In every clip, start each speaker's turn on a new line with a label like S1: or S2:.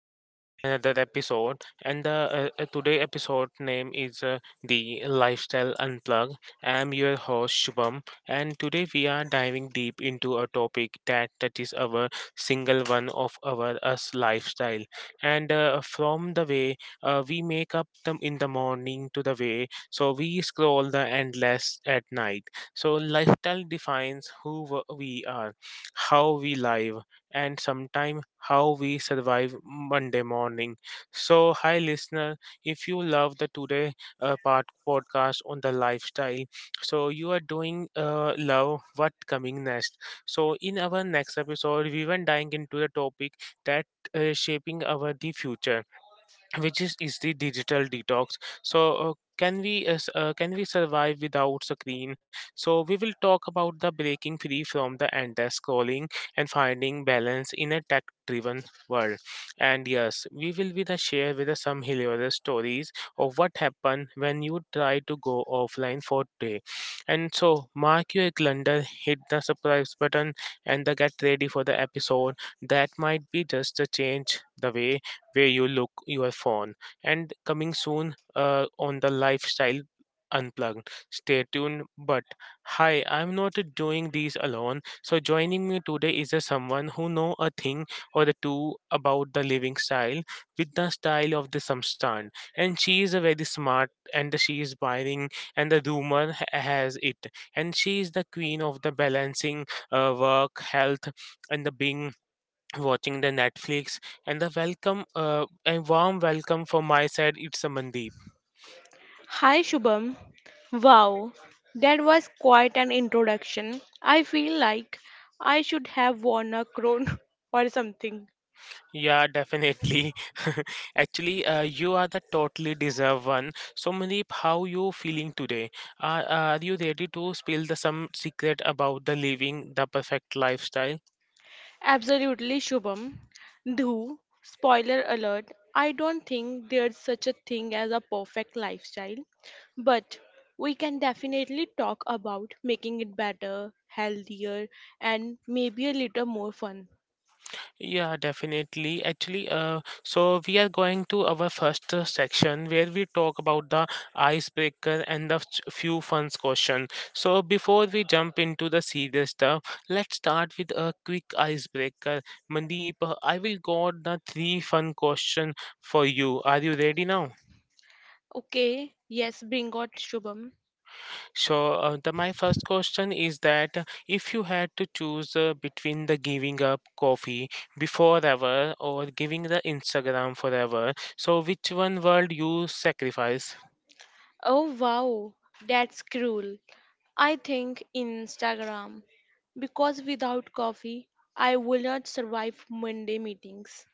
S1: in the my another episode, and the today episode name is the lifestyle unplug. I'm your host Shubham, and today we are diving deep into a topic that is our single one of our us lifestyle. And from the way we make up them in the morning to the way so we scroll the endless at night. So lifestyle defines who we are, how we live, and sometime how we survive Monday morning. So, hi listener, if you love the today part podcast on the lifestyle, so you are doing love what coming next. So, in our next episode, we were diving into the topic that shaping our the future, which is the digital detox. So can we can we survive without screen? So we will talk about the breaking free from the endless scrolling and finding balance in a tech driven world. And yes, we will be the share with the some hilarious stories of what happened when you try to go offline for day. And so mark your calendar, hit the surprise button, and the get ready for the episode that might be just a change the way where you look your phone. And coming soon on the lifestyle unplugged. Stay tuned. But hi, I'm not doing these alone. So joining me today is a someone who know a thing or the two about the living style with the style of the samstan. And she is a very smart, and she is buying, and the rumor has it. And she is the queen of the balancing work, health, and the being watching the Netflix. And the welcome, a warm welcome from my side. It's a Mandeep.
S2: Hi Shubham. Wow, that was quite an introduction. I feel like I should have worn a crown or something.
S1: Yeah, definitely. Actually, you are the totally deserve one. So Mandeep, how you feeling today? Are you ready to spill the some secret about the living the perfect lifestyle?
S2: Absolutely Shubham. Though, spoiler alert, I don't think there's such a thing as a perfect lifestyle, but we can definitely talk about making it better, healthier, and maybe a little more fun.
S1: Yeah, definitely. Actually, so we are going to our first section where we talk about the icebreaker and the few fun question. So before we jump into the serious stuff, let's start with a quick icebreaker. Mandeep, I will got the three fun question for you. Are you ready now?
S2: Okay, yes, bring on Shubham.
S1: So, the my first question is that if you had to choose between the giving up coffee before ever or giving the Instagram forever, so which one world you sacrifice?
S2: Oh wow, that's cruel. I think Instagram because without coffee, I will not survive Monday meetings.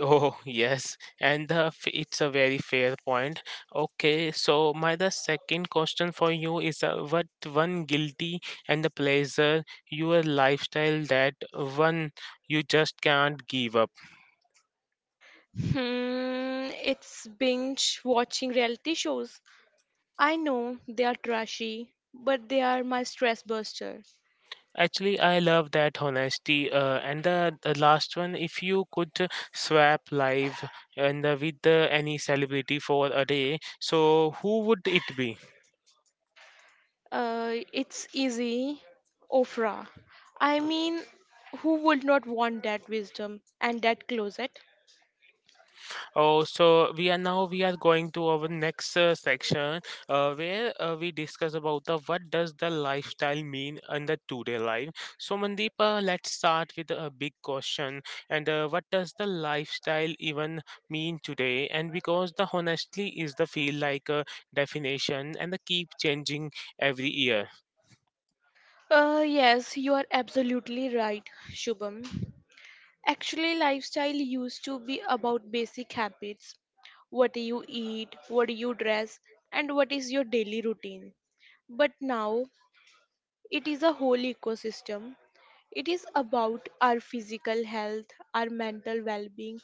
S1: Oh yes, and it's a very fair point. Okay, so my the second question for you is what one guilty and the pleasure your lifestyle that one you just can't give up.
S2: Hmm, it's binge watching reality shows. I know they are trashy, but they are my stress buster.
S1: Actually, I love that honesty. And the last one, if you could swap live and with any celebrity for a day, so who would it be?
S2: It's easy, Ofra. I mean, who would not want that wisdom and that closet?
S1: Oh, so we are going to our next section where we discuss about the what does the lifestyle mean in the today life. So Mandeep, let's start with a big question, and what does the lifestyle even mean today? And because the honestly is the feel like a definition and the keep changing every year.
S2: Yes, you are absolutely right, Shubham. Actually, lifestyle used to be about basic habits. What do you eat? What do you dress? And what is your daily routine? But now it is a whole ecosystem. It is about our physical health, our mental well being,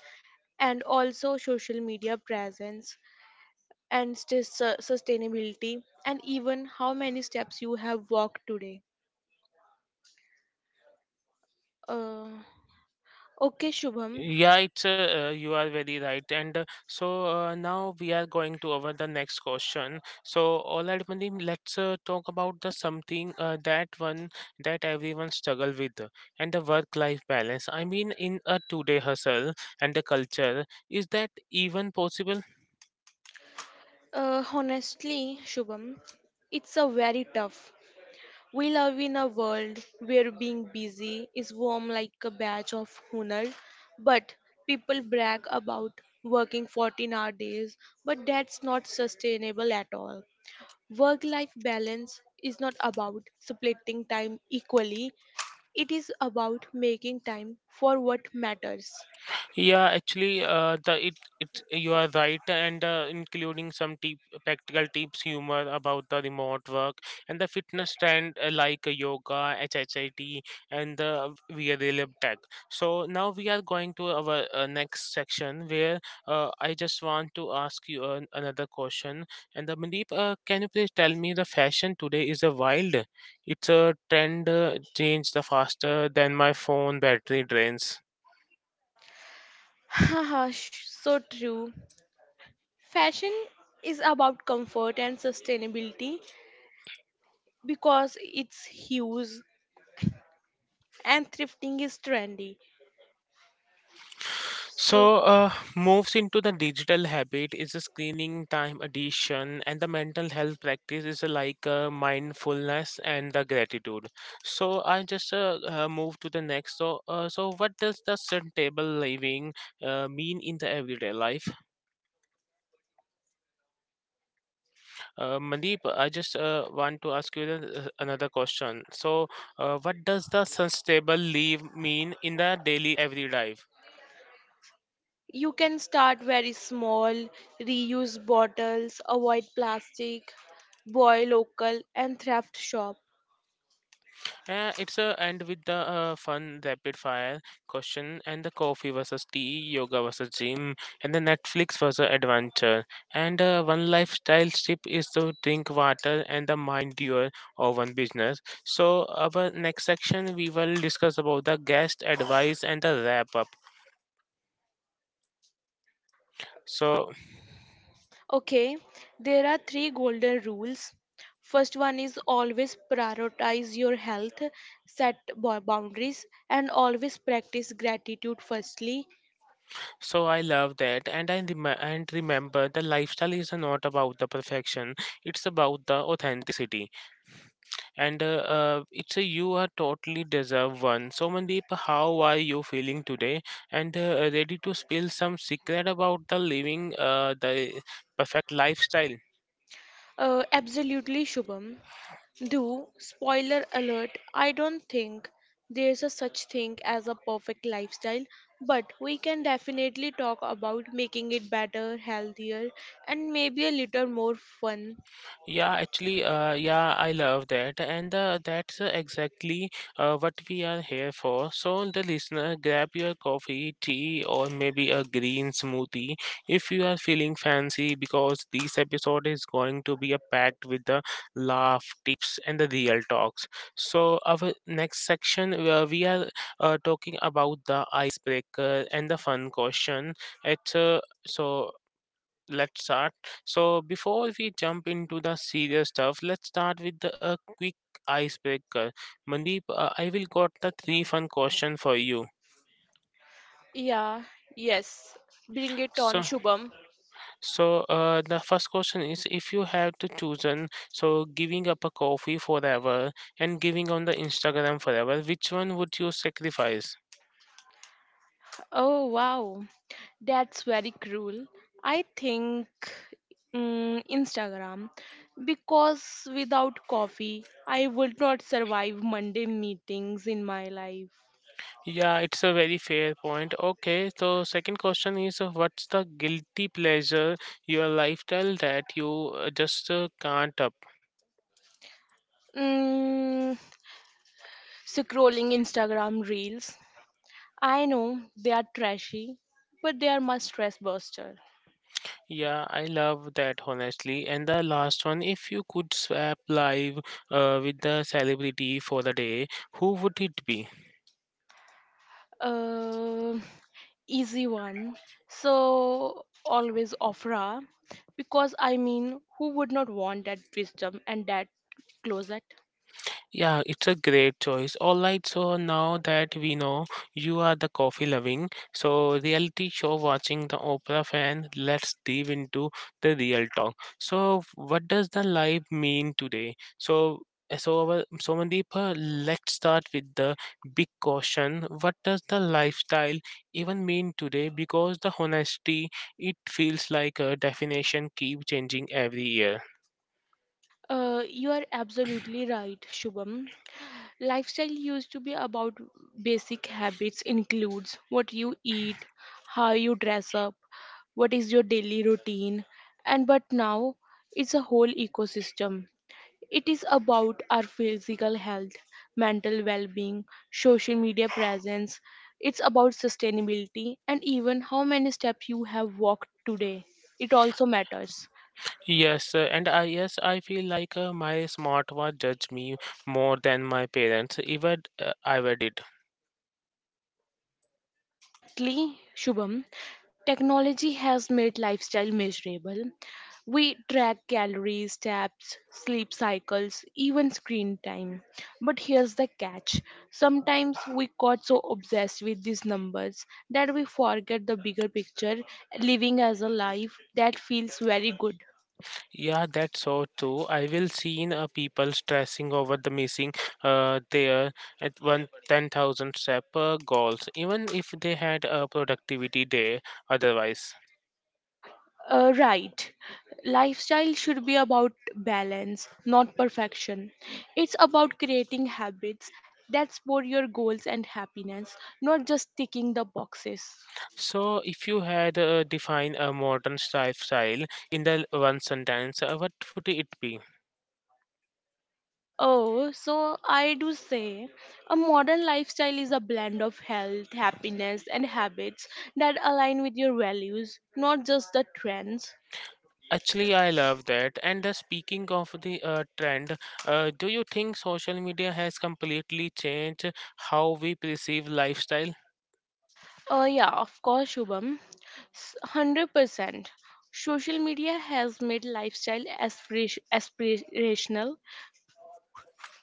S2: and also social media presence and sustainability, and even how many steps you have walked today. Uh, okay, Shubham.
S1: Yeah, it's you are very right. And so now we are going to over the next question. So all right Manim, let's talk about the something that one that everyone struggle with and the work life balance. I mean, in a today hustle and the culture, is that even possible?
S2: Honestly, Shubham, it's a very tough. We live in a world where being busy is worn like a badge of honor, but people brag about working 14-hour days, but that's not sustainable at all. Work life balance is not about splitting time equally, it is about making time for what matters.
S1: Yeah, actually, the it you are right, and including some tip, practical tips, humor about the remote work and the fitness trend, like yoga, HHIT, and the wearable tech. So now we are going to our next section, where I just want to ask you another question. And the Mandeep, can you please tell me the fashion today is a wild? It's a trend change the faster than my phone battery drains.
S2: Haha, so true. Fashion is about comfort and sustainability because it's huge and thrifting is trendy. So
S1: So, moves into the digital habit is a screening time addition, and the mental health practice is like mindfulness and the gratitude. So, I just move to the next. So, so what does the sustainable living mean in the everyday life? Mandeep, I just want to ask you another question. So, what does the sustainable live mean in the daily everyday life?
S2: you can start very small, reuse bottles, avoid plastic, buy local and thrift shop.
S1: It's a end with the fun rapid fire question, and the coffee versus tea, yoga versus gym, and the Netflix versus adventure. And one lifestyle tip is to drink water and the mind your own business. So our next section we will discuss about the guest advice and the wrap up. So
S2: Okay, there are three golden rules. First one is always prioritize your health, set boundaries and always practice gratitude firstly.
S1: so I love that, and remember the lifestyle is not about the perfection. It's about the authenticity. And it's a you are totally deserve one. So, Mandeep, how are you feeling today? And ready to spill some secret about the living, the perfect lifestyle?
S2: Absolutely Shubham. Do spoiler alert, I don't think there's a such thing as a perfect lifestyle, but we can definitely talk about making it better, healthier, and maybe a little more fun.
S1: Yeah, actually, yeah, I love that, and that's exactly what we are here for. So, the listener, grab your coffee, tea, or maybe a green smoothie if you are feeling fancy, because this episode is going to be a packed with the laugh, tips, and the real talks. So, our next section, we are talking about the icebreaker and the fun question. It's so let's start. So, before we jump into the serious stuff, let's start with a quick icebreaker. Mandeep, I will got the three fun question for you.
S2: Yeah, yes. Bring it on,
S1: So,
S2: Shubham.
S1: so, the first question is: If you have to chosen, so giving up a coffee forever and giving on the Instagram forever, which one would you sacrifice?
S2: Oh wow, that's very cruel. I think Instagram because without coffee, I would not survive Monday meetings in my life.
S1: Yeah, it's a very fair point. Okay, so second question is: What's the guilty pleasure your lifestyle that you just can't up?
S2: Mm, scrolling Instagram reels. I know they are trashy, but they are my stress buster.
S1: Yeah, I love that honestly. And the last one, if you could swap live with the celebrity for the day, who would it be?
S2: Uh, Easy one. So always Ofra, because I mean, who would not want that wisdom and that closet?
S1: Yeah, it's a great choice. All right, so now that we know you are the coffee loving, so reality show watching the Oprah fan, let's dive into the real talk. So, what does the life mean today? So Mandeep, let's start with the big question. What does the lifestyle even mean today? Because the honesty, it feels like a definition keep changing every year.
S2: You are absolutely right, Shubham. Lifestyle used to be about basic habits includes what you eat, how you dress up, what is your daily routine, and but now it's a whole ecosystem. It is about our physical health, mental well-being, social media presence. It's about sustainability and even how many steps you have walked today. It also matters.
S1: Yes, and I feel like my smartwatch judged me more than my parents ever did.
S2: Exactly, Shubham. Technology has made lifestyle measurable. We track calories, steps, sleep cycles, even screen time. But here's the catch, sometimes we got so obsessed with these numbers that we forget the bigger picture, living as a life that feels very good.
S1: Yeah, that's so true. I will seen people stressing over the missing their at one ten thousand step goals, even if they had a productivity day otherwise.
S2: Right. Lifestyle should be about balance, not perfection. It's about creating habits that support your goals and happiness, not just ticking the boxes.
S1: So, if you had defined a modern lifestyle in the one sentence, what would it be?
S2: Oh, so I do say a modern lifestyle is a blend of health, happiness, and habits that align with your values, not just the trends.
S1: Actually, I love that. And the speaking of the trend, do you think social media has completely changed how we perceive lifestyle?
S2: Yeah, of course, Shubham. 100%. Social media has made lifestyle aspirational.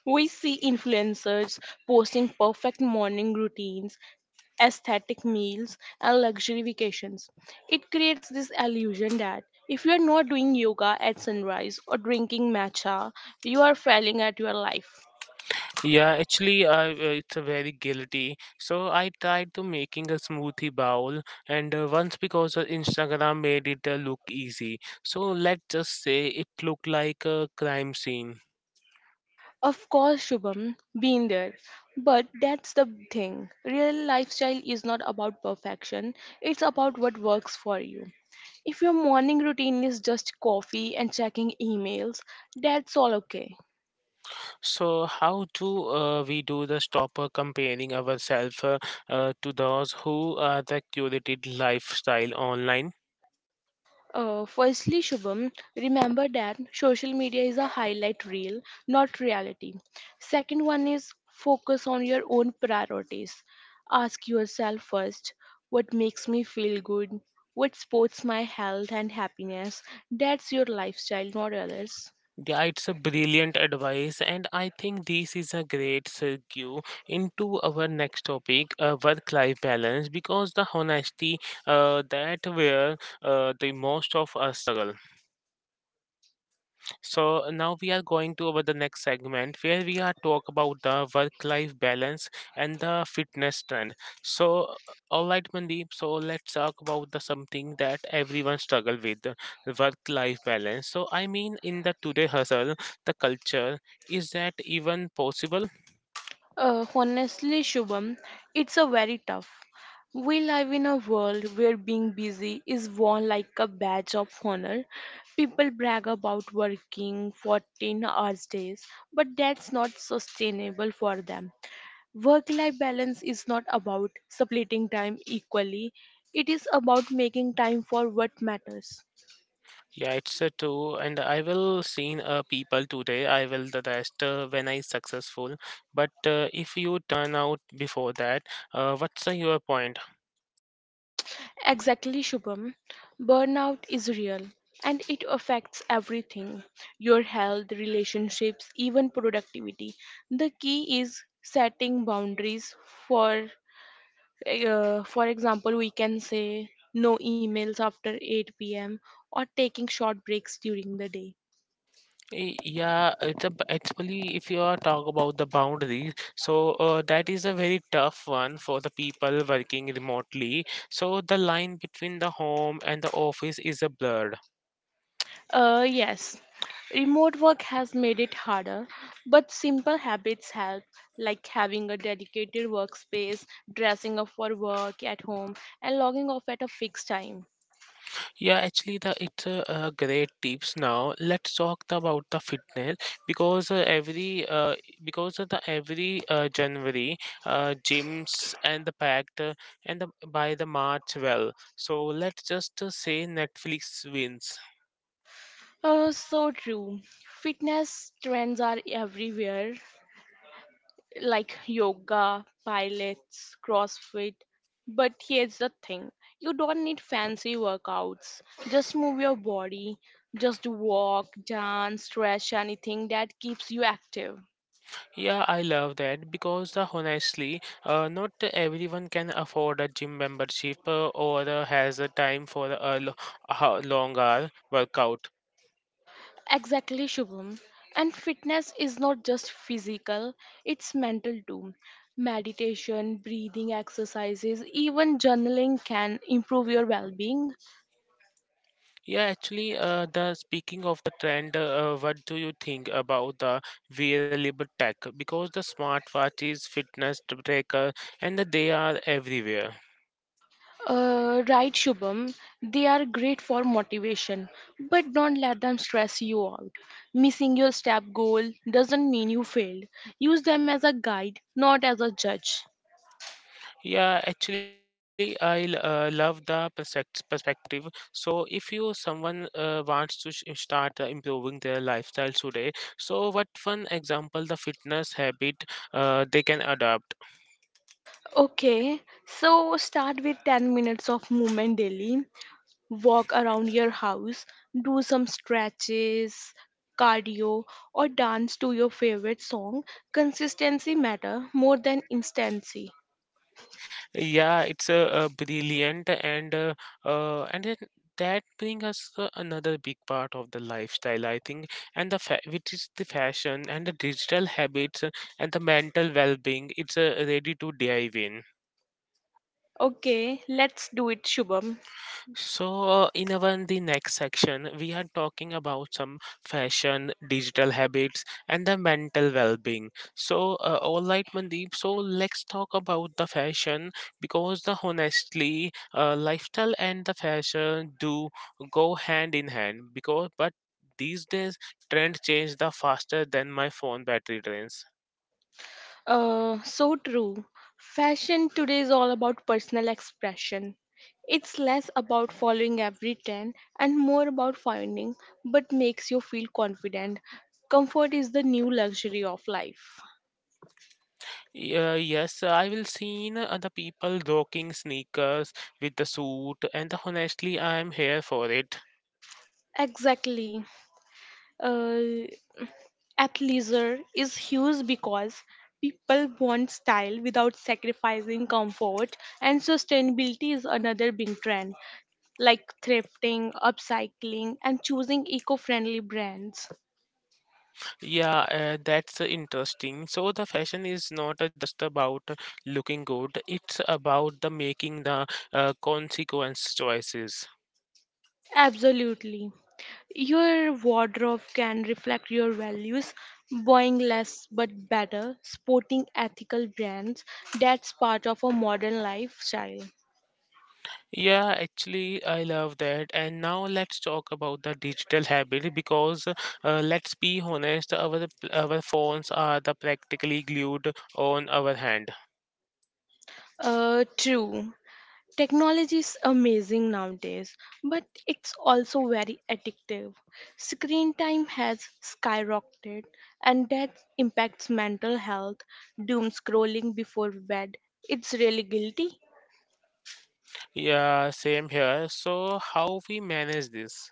S2: We see influencers posting perfect morning routines, aesthetic meals, and luxury vacations. It creates this illusion that if you are not doing yoga at sunrise or drinking matcha, you are failing at your life.
S1: Yeah, actually, I it's a very guilty. So I tried to making a smoothie bowl, and once because Instagram made it look easy. So let's just say it looked like a crime scene.
S2: Of course, Shubham, been there. But that's the thing. Real lifestyle is not about perfection, it's about what works for you. If your morning routine is just coffee and checking emails, that's all okay.
S1: So, how do we do the stop comparing ourselves to those who are the curated lifestyle online?
S2: Firstly, Shubham, remember that social media is a highlight reel, not reality. Second one is focus on your own priorities. Ask yourself first what makes me feel good, what supports my health and happiness. That's your lifestyle, not others.
S1: Yeah, it's a brilliant advice, and I think this is a great segue into our next topic, work-life balance, because the honesty, that where the most of us struggle. So now we are going to over the next segment where we are talk about the work-life balance and the fitness trend. So all right, Mandeep. So let's talk about the something that everyone struggle with, the work-life balance. So I mean, in the today hustle, the culture, is that even possible?
S2: Honestly, Shubham, it's a very tough. We live in a world where being busy is worn like a badge of honor. People brag about working 14 hours days, but that's not sustainable for them. Work life balance is not about splitting time equally, it is about making time for what matters.
S1: Yeah, it's true. And I will seen people today. I will the rest when I successful. But if you turn out before that, what's your point?
S2: Exactly, Shubham. Burnout is real and it affects everything, your health, relationships, even productivity. The key is setting boundaries for for example, we can say no emails after 8 p.m. or taking short breaks during the day.
S1: Yeah, actually if you are talk about the boundaries, so that is a very tough one for the people working remotely. So the line between the home and the office is a blur.
S2: Yes, remote work has made it harder, but simple habits help, like having a dedicated workspace, dressing up for work at home, and logging off at a fixed time.
S1: Yeah, actually, the it's a, great tips. Now let's talk about the fitness because uh, every uh, because of the every January, gyms and the packed, and the, by the March well. So let's just say Netflix wins.
S2: So true. Fitness trends are everywhere, like yoga, pilates, CrossFit. But here's the thing, you don't need fancy workouts. Just move your body, just walk, dance, stretch, anything that keeps you active.
S1: Yeah, I love that because honestly, not everyone can afford a gym membership or has a time for a long hour workout.
S2: Exactly, Shubham. And fitness is not just physical, it's mental too. Meditation, breathing exercises, even journaling can improve your well being.
S1: Yeah, actually, the speaking of the trend, what do you think about the wearable tech? Because the smartwatches, fitness tracker, and they are everywhere.
S2: Right, Shubham, they are great for motivation, but don't let them stress you out. Missing your step goal doesn't mean you failed. Use them as a guide, not as a judge.
S1: Yeah, actually, love the perspective. So, if you someone wants to start improving their lifestyle today, so what one example the fitness habit they can adopt?
S2: Okay, so start with 10 minutes of movement daily. Walk around your house, do some stretches, cardio, or dance to your favorite song. Consistency matter more than instancy.
S1: Yeah, it's brilliant, and and then that brings us another big part of the lifestyle, I think, and which is the fashion and the digital habits and the mental well-being. It's ready to dive in.
S2: Okay, let's do it, Shubham.
S1: So, in our the next section, we are talking about some fashion, digital habits, and the mental well-being. So, all right, Mandeep. So, let's talk about the fashion because the honestly, lifestyle and the fashion do go hand in hand. Because, but these days, trend change the faster than my phone battery drains.
S2: So true. Fashion today is all about personal expression. It's less about following every trend and more about finding what makes you feel confident. Comfort is the new luxury of life.
S1: Yeah, yes, I will seen the people rocking sneakers with the suit, and honestly, I am here for it.
S2: Exactly. Uh, Athleisure is huge because people want style without sacrificing comfort, and sustainability is another big trend, like thrifting, upcycling, and choosing eco friendly brands.
S1: Yeah, that's interesting. So the fashion is not just about looking good; it's about the making the consequence choices.
S2: Absolutely. Your wardrobe can reflect your values, buying less but better, sporting ethical brands. That's part of a modern lifestyle.
S1: Yeah, actually, I love that. And now let's talk about the digital habit because let's be honest, our phones are the practically glued on our hand.
S2: True. Technology is amazing nowadays, but it's also very addictive. Screen time has skyrocketed, and that impacts mental health. Doom scrolling before bed, it's really guilty.
S1: Yeah, same here. So, how we manage this?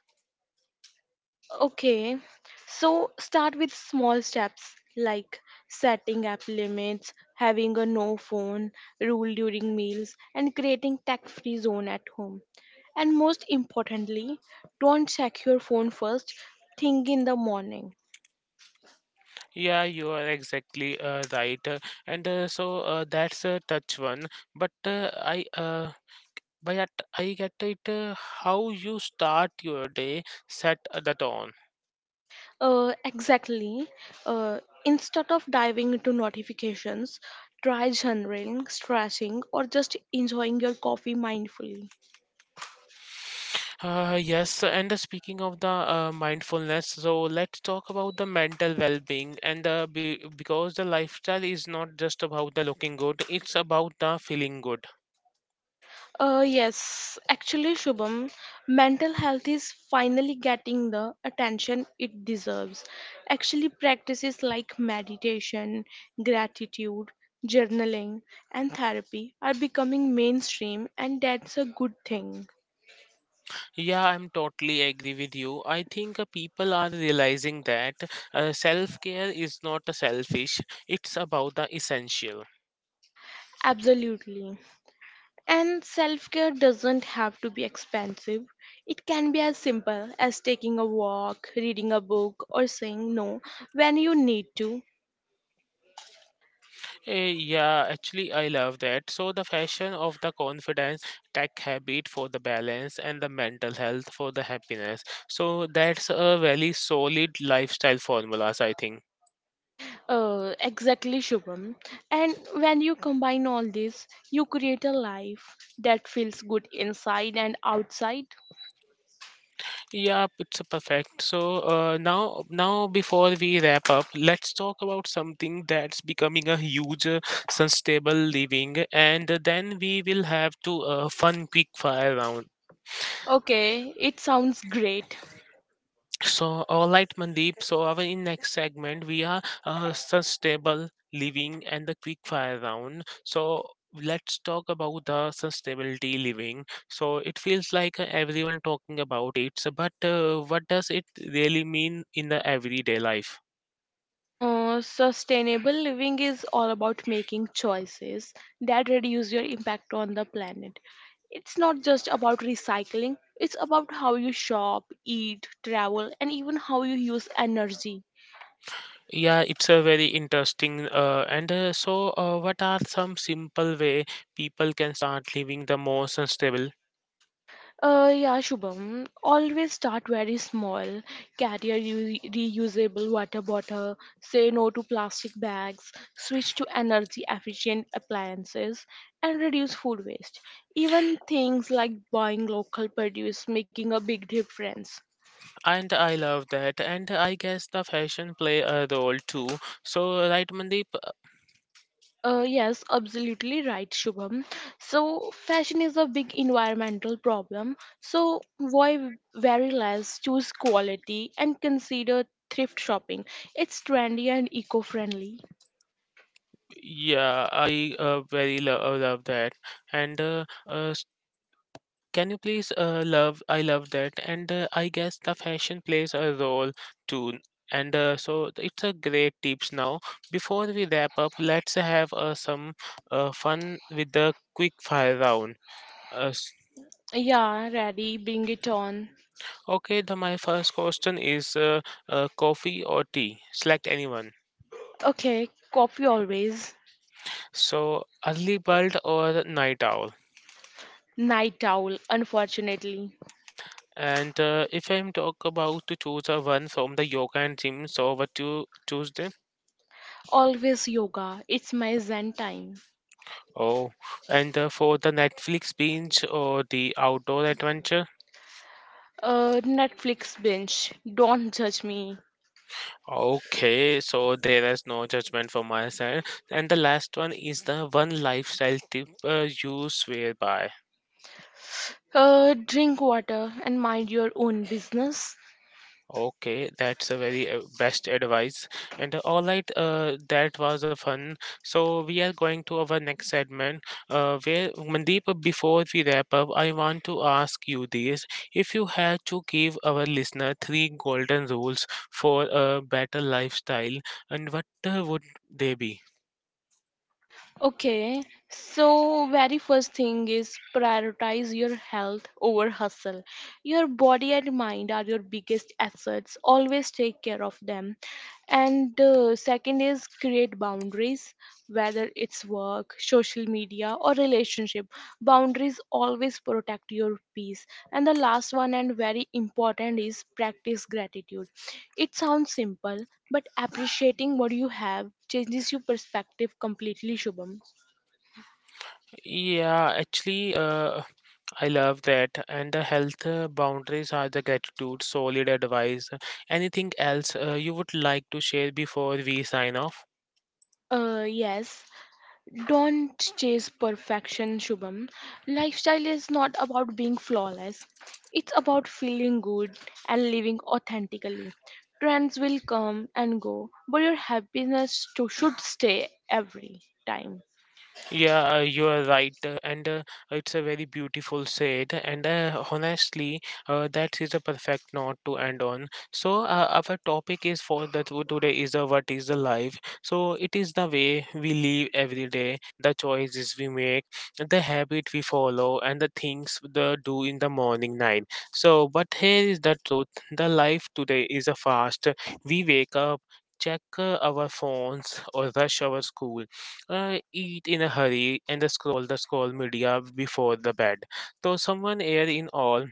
S2: Okay, so start with small steps like setting app limits, having a no phone rule during meals, and creating tech free zone at home. And most importantly, don't check your phone first thing in the morning.
S1: Yeah, you are exactly right. And so That's a touch one. But by that I get it. How you start your day, set the tone.
S2: Exactly. Uh, Instead of diving into notifications, try journaling, stretching, or just enjoying your coffee mindfully.
S1: Yes, and speaking of the mindfulness, so let's talk about the mental well-being and because the lifestyle is not just about the looking good; it's about the feeling good.
S2: Yes, Actually, Shubham, mental health is finally getting the attention it deserves. Actually, practices like meditation, gratitude, journaling, and therapy are becoming mainstream, and that's a good thing.
S1: Yeah, I'm totally agree with you. I think people are realizing that self care is not a selfish, it's about the essential.
S2: Absolutely. And self care doesn't have to be expensive. It can be as simple as taking a walk, reading a book, or saying no when you need to.
S1: Yeah, actually, I love that. So, the fashion of the confidence, tech habit for the balance, and the mental health for the happiness. So, that's a very solid lifestyle formulas, I think.
S2: Exactly, Shubham. And when you combine all this, you create a life that feels good inside and outside.
S1: Yeah, it's a perfect. So now before we wrap up, let's talk about something that's becoming a huge sustainable living, and then we will have to fun quick fire round.
S2: Okay, it sounds great.
S1: So, all right, Mandeep. So, our in next segment we are sustainable living and the quick fire round. So, let's talk about the sustainability living. So it feels like everyone talking about it, so, but what does it really mean in the everyday life?
S2: Sustainable living is all about making choices that reduce your impact on the planet. It's not just about recycling, it's about how you shop, eat, travel, and even how you use energy.
S1: Yeah, it's a very interesting. What are some simple way people can start living the more sustainable?
S2: Yeah, Shubham. Always start very small. Carry a reusable water bottle. Say no to plastic bags. Switch to energy efficient appliances and reduce food waste. Even things like buying local produce making a big difference.
S1: And I love that. And I guess the fashion play a role too. So, right, Mandeep?
S2: Yes, absolutely right, Shubham. So, fashion is a big environmental problem. So, why very less choose quality and consider thrift shopping? It's trendy and eco friendly.
S1: Yeah, I love that. And uh, Can you please love? I love that, and I guess the fashion plays a role too. And so it's a great tips. Now, before we wrap up, let's have some fun with the quick fire round. Uh, s-
S2: Yeah, ready, bring it on.
S1: okay, the my first question is coffee or tea? Select anyone.
S2: Okay, coffee always.
S1: So early bird or night owl?
S2: Night owl, unfortunately.
S1: And if I'm talk about to choose a one from the yoga and gym, so what you choose there?
S2: Always yoga, it's my zen time.
S1: Oh, and for the Netflix binge or the outdoor adventure?
S2: Netflix binge, don't judge me.
S1: Okay, so there is no judgment from my side. And the last one is the one lifestyle tip you swear by.
S2: Drink water and mind your own business.
S1: Okay, that's a very best advice. And all right, that was a fun. So we are going to our next segment. Where Mandeep, before we wrap up, I want to ask you this: if you had to give our listener three golden rules for a better lifestyle, and what would they be?
S2: Okay, so very first thing is prioritize your health over hustle. Your body and mind are your biggest assets. Always take care of them. And second is create boundaries, whether it's work, social media, or relationship. Boundaries always protect your peace. And the last one and very important is practice gratitude. It sounds simple, but appreciating what you have changes your perspective completely, Shubham.
S1: Yeah, actually, I love that. And the health boundaries are the gratitude, solid advice. Anything else you would like to share before we sign off?
S2: Yes. Don't chase perfection, Shubham. Lifestyle is not about being flawless. It's about feeling good and living authentically. Trends will come and go, but your happiness to, should stay every time.
S1: Yeah, you are right, and it's a very beautiful said. And honestly, that is a perfect note to end on. So our topic is for the today is a what is the life. So it is the way we live every day, the choices we make, the habit we follow, and the things the do in the morning, night. So, but here is the truth: the life today is a fast. We wake up. Check our phones or rush our school eat in a hurry and scroll media before the bed. So someone here in all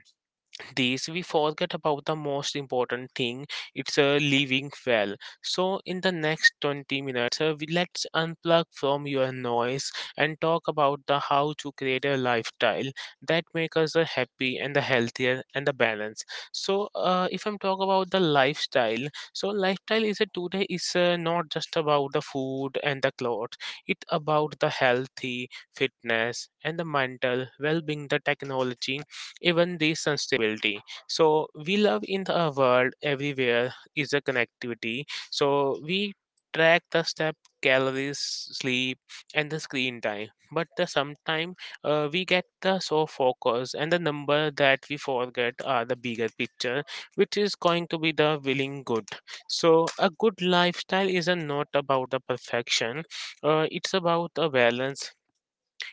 S1: this we forget about the most important thing, it's a living well. So in the next 20 minutes let's unplug from your noise and talk about the how to create a lifestyle that makes us a happy and the healthier and the balance. So if I'm talk about the lifestyle, so lifestyle is a today is not just about the food and the clothes. It's about the healthy fitness and the mental well-being, the technology, even this instability. So we love in the world everywhere is a connectivity. So we track the step, calories, sleep, and the screen time, but the sometime we get the so focus and the number that we forget are the bigger picture, which is going to be the willing good. So a good lifestyle is a not about the perfection. It's about a balance.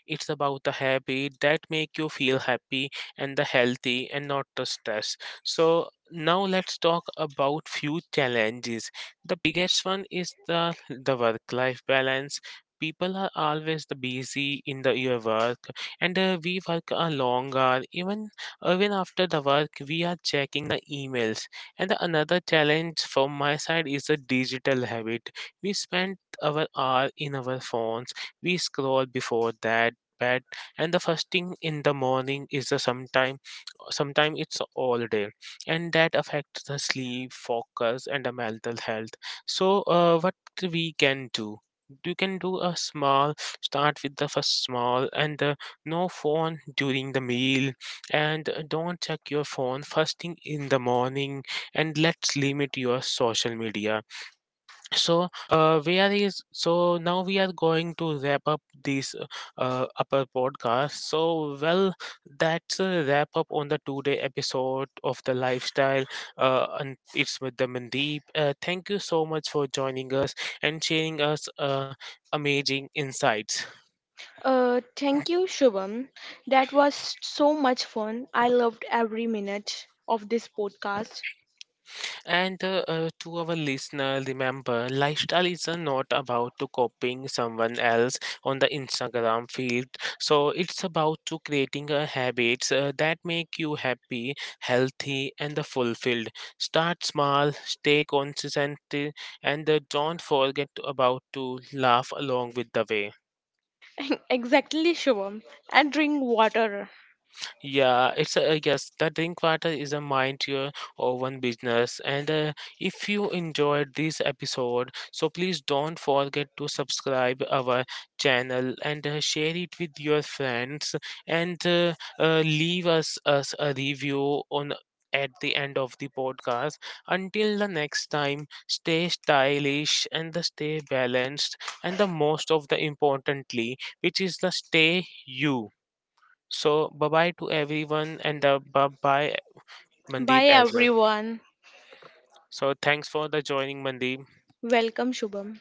S1: It's about the habit that make you feel happy and the healthy and not the stress. So now let's talk about few challenges. The biggest one is the work life balance. People are always the busy in the your work, and we work a long hour. Even after the work, we are checking the emails. And the another challenge from my side is the digital habit. We spend our hour in our phones. We scroll before that bed, and the fasting in the morning is the sometime it's all day, and that affects the sleep focus and the mental health. So what we can do? You can do a small, start with the first small, and no phone during the meal, and don't check your phone fasting in the morning, and let's limit your social media. So we are is so now we are going to wrap up this upper podcast. So well, that's a wrap up on the 2 day episode of the lifestyle, and it's with the Mandeep. Thank you so much for joining us and sharing us amazing insights.
S2: Thank you, Shubham. That was so much fun. I loved every minute of this podcast.
S1: And to our listener, remember, lifestyle is not about to copying someone else on the Instagram feed. So it's about to creating habits that make you happy, healthy, and fulfilled. Start small, stay consistent, and don't forget about to laugh along with the way.
S2: Exactly, Shubham. And drink water.
S1: Yeah, it's a yes. The drink water is a mind your own business. And if you enjoyed this episode, so please don't forget to subscribe our channel and share it with your friends and leave us a review on at the end of the podcast. Until the next time, stay stylish and the stay balanced and the most of the importantly, which is the stay you. So bye bye to everyone and bye bye Mandeep
S2: Bye,
S1: as well.
S2: everyone.
S1: So thanks for the joining Mandeep.
S2: Welcome, Shubham.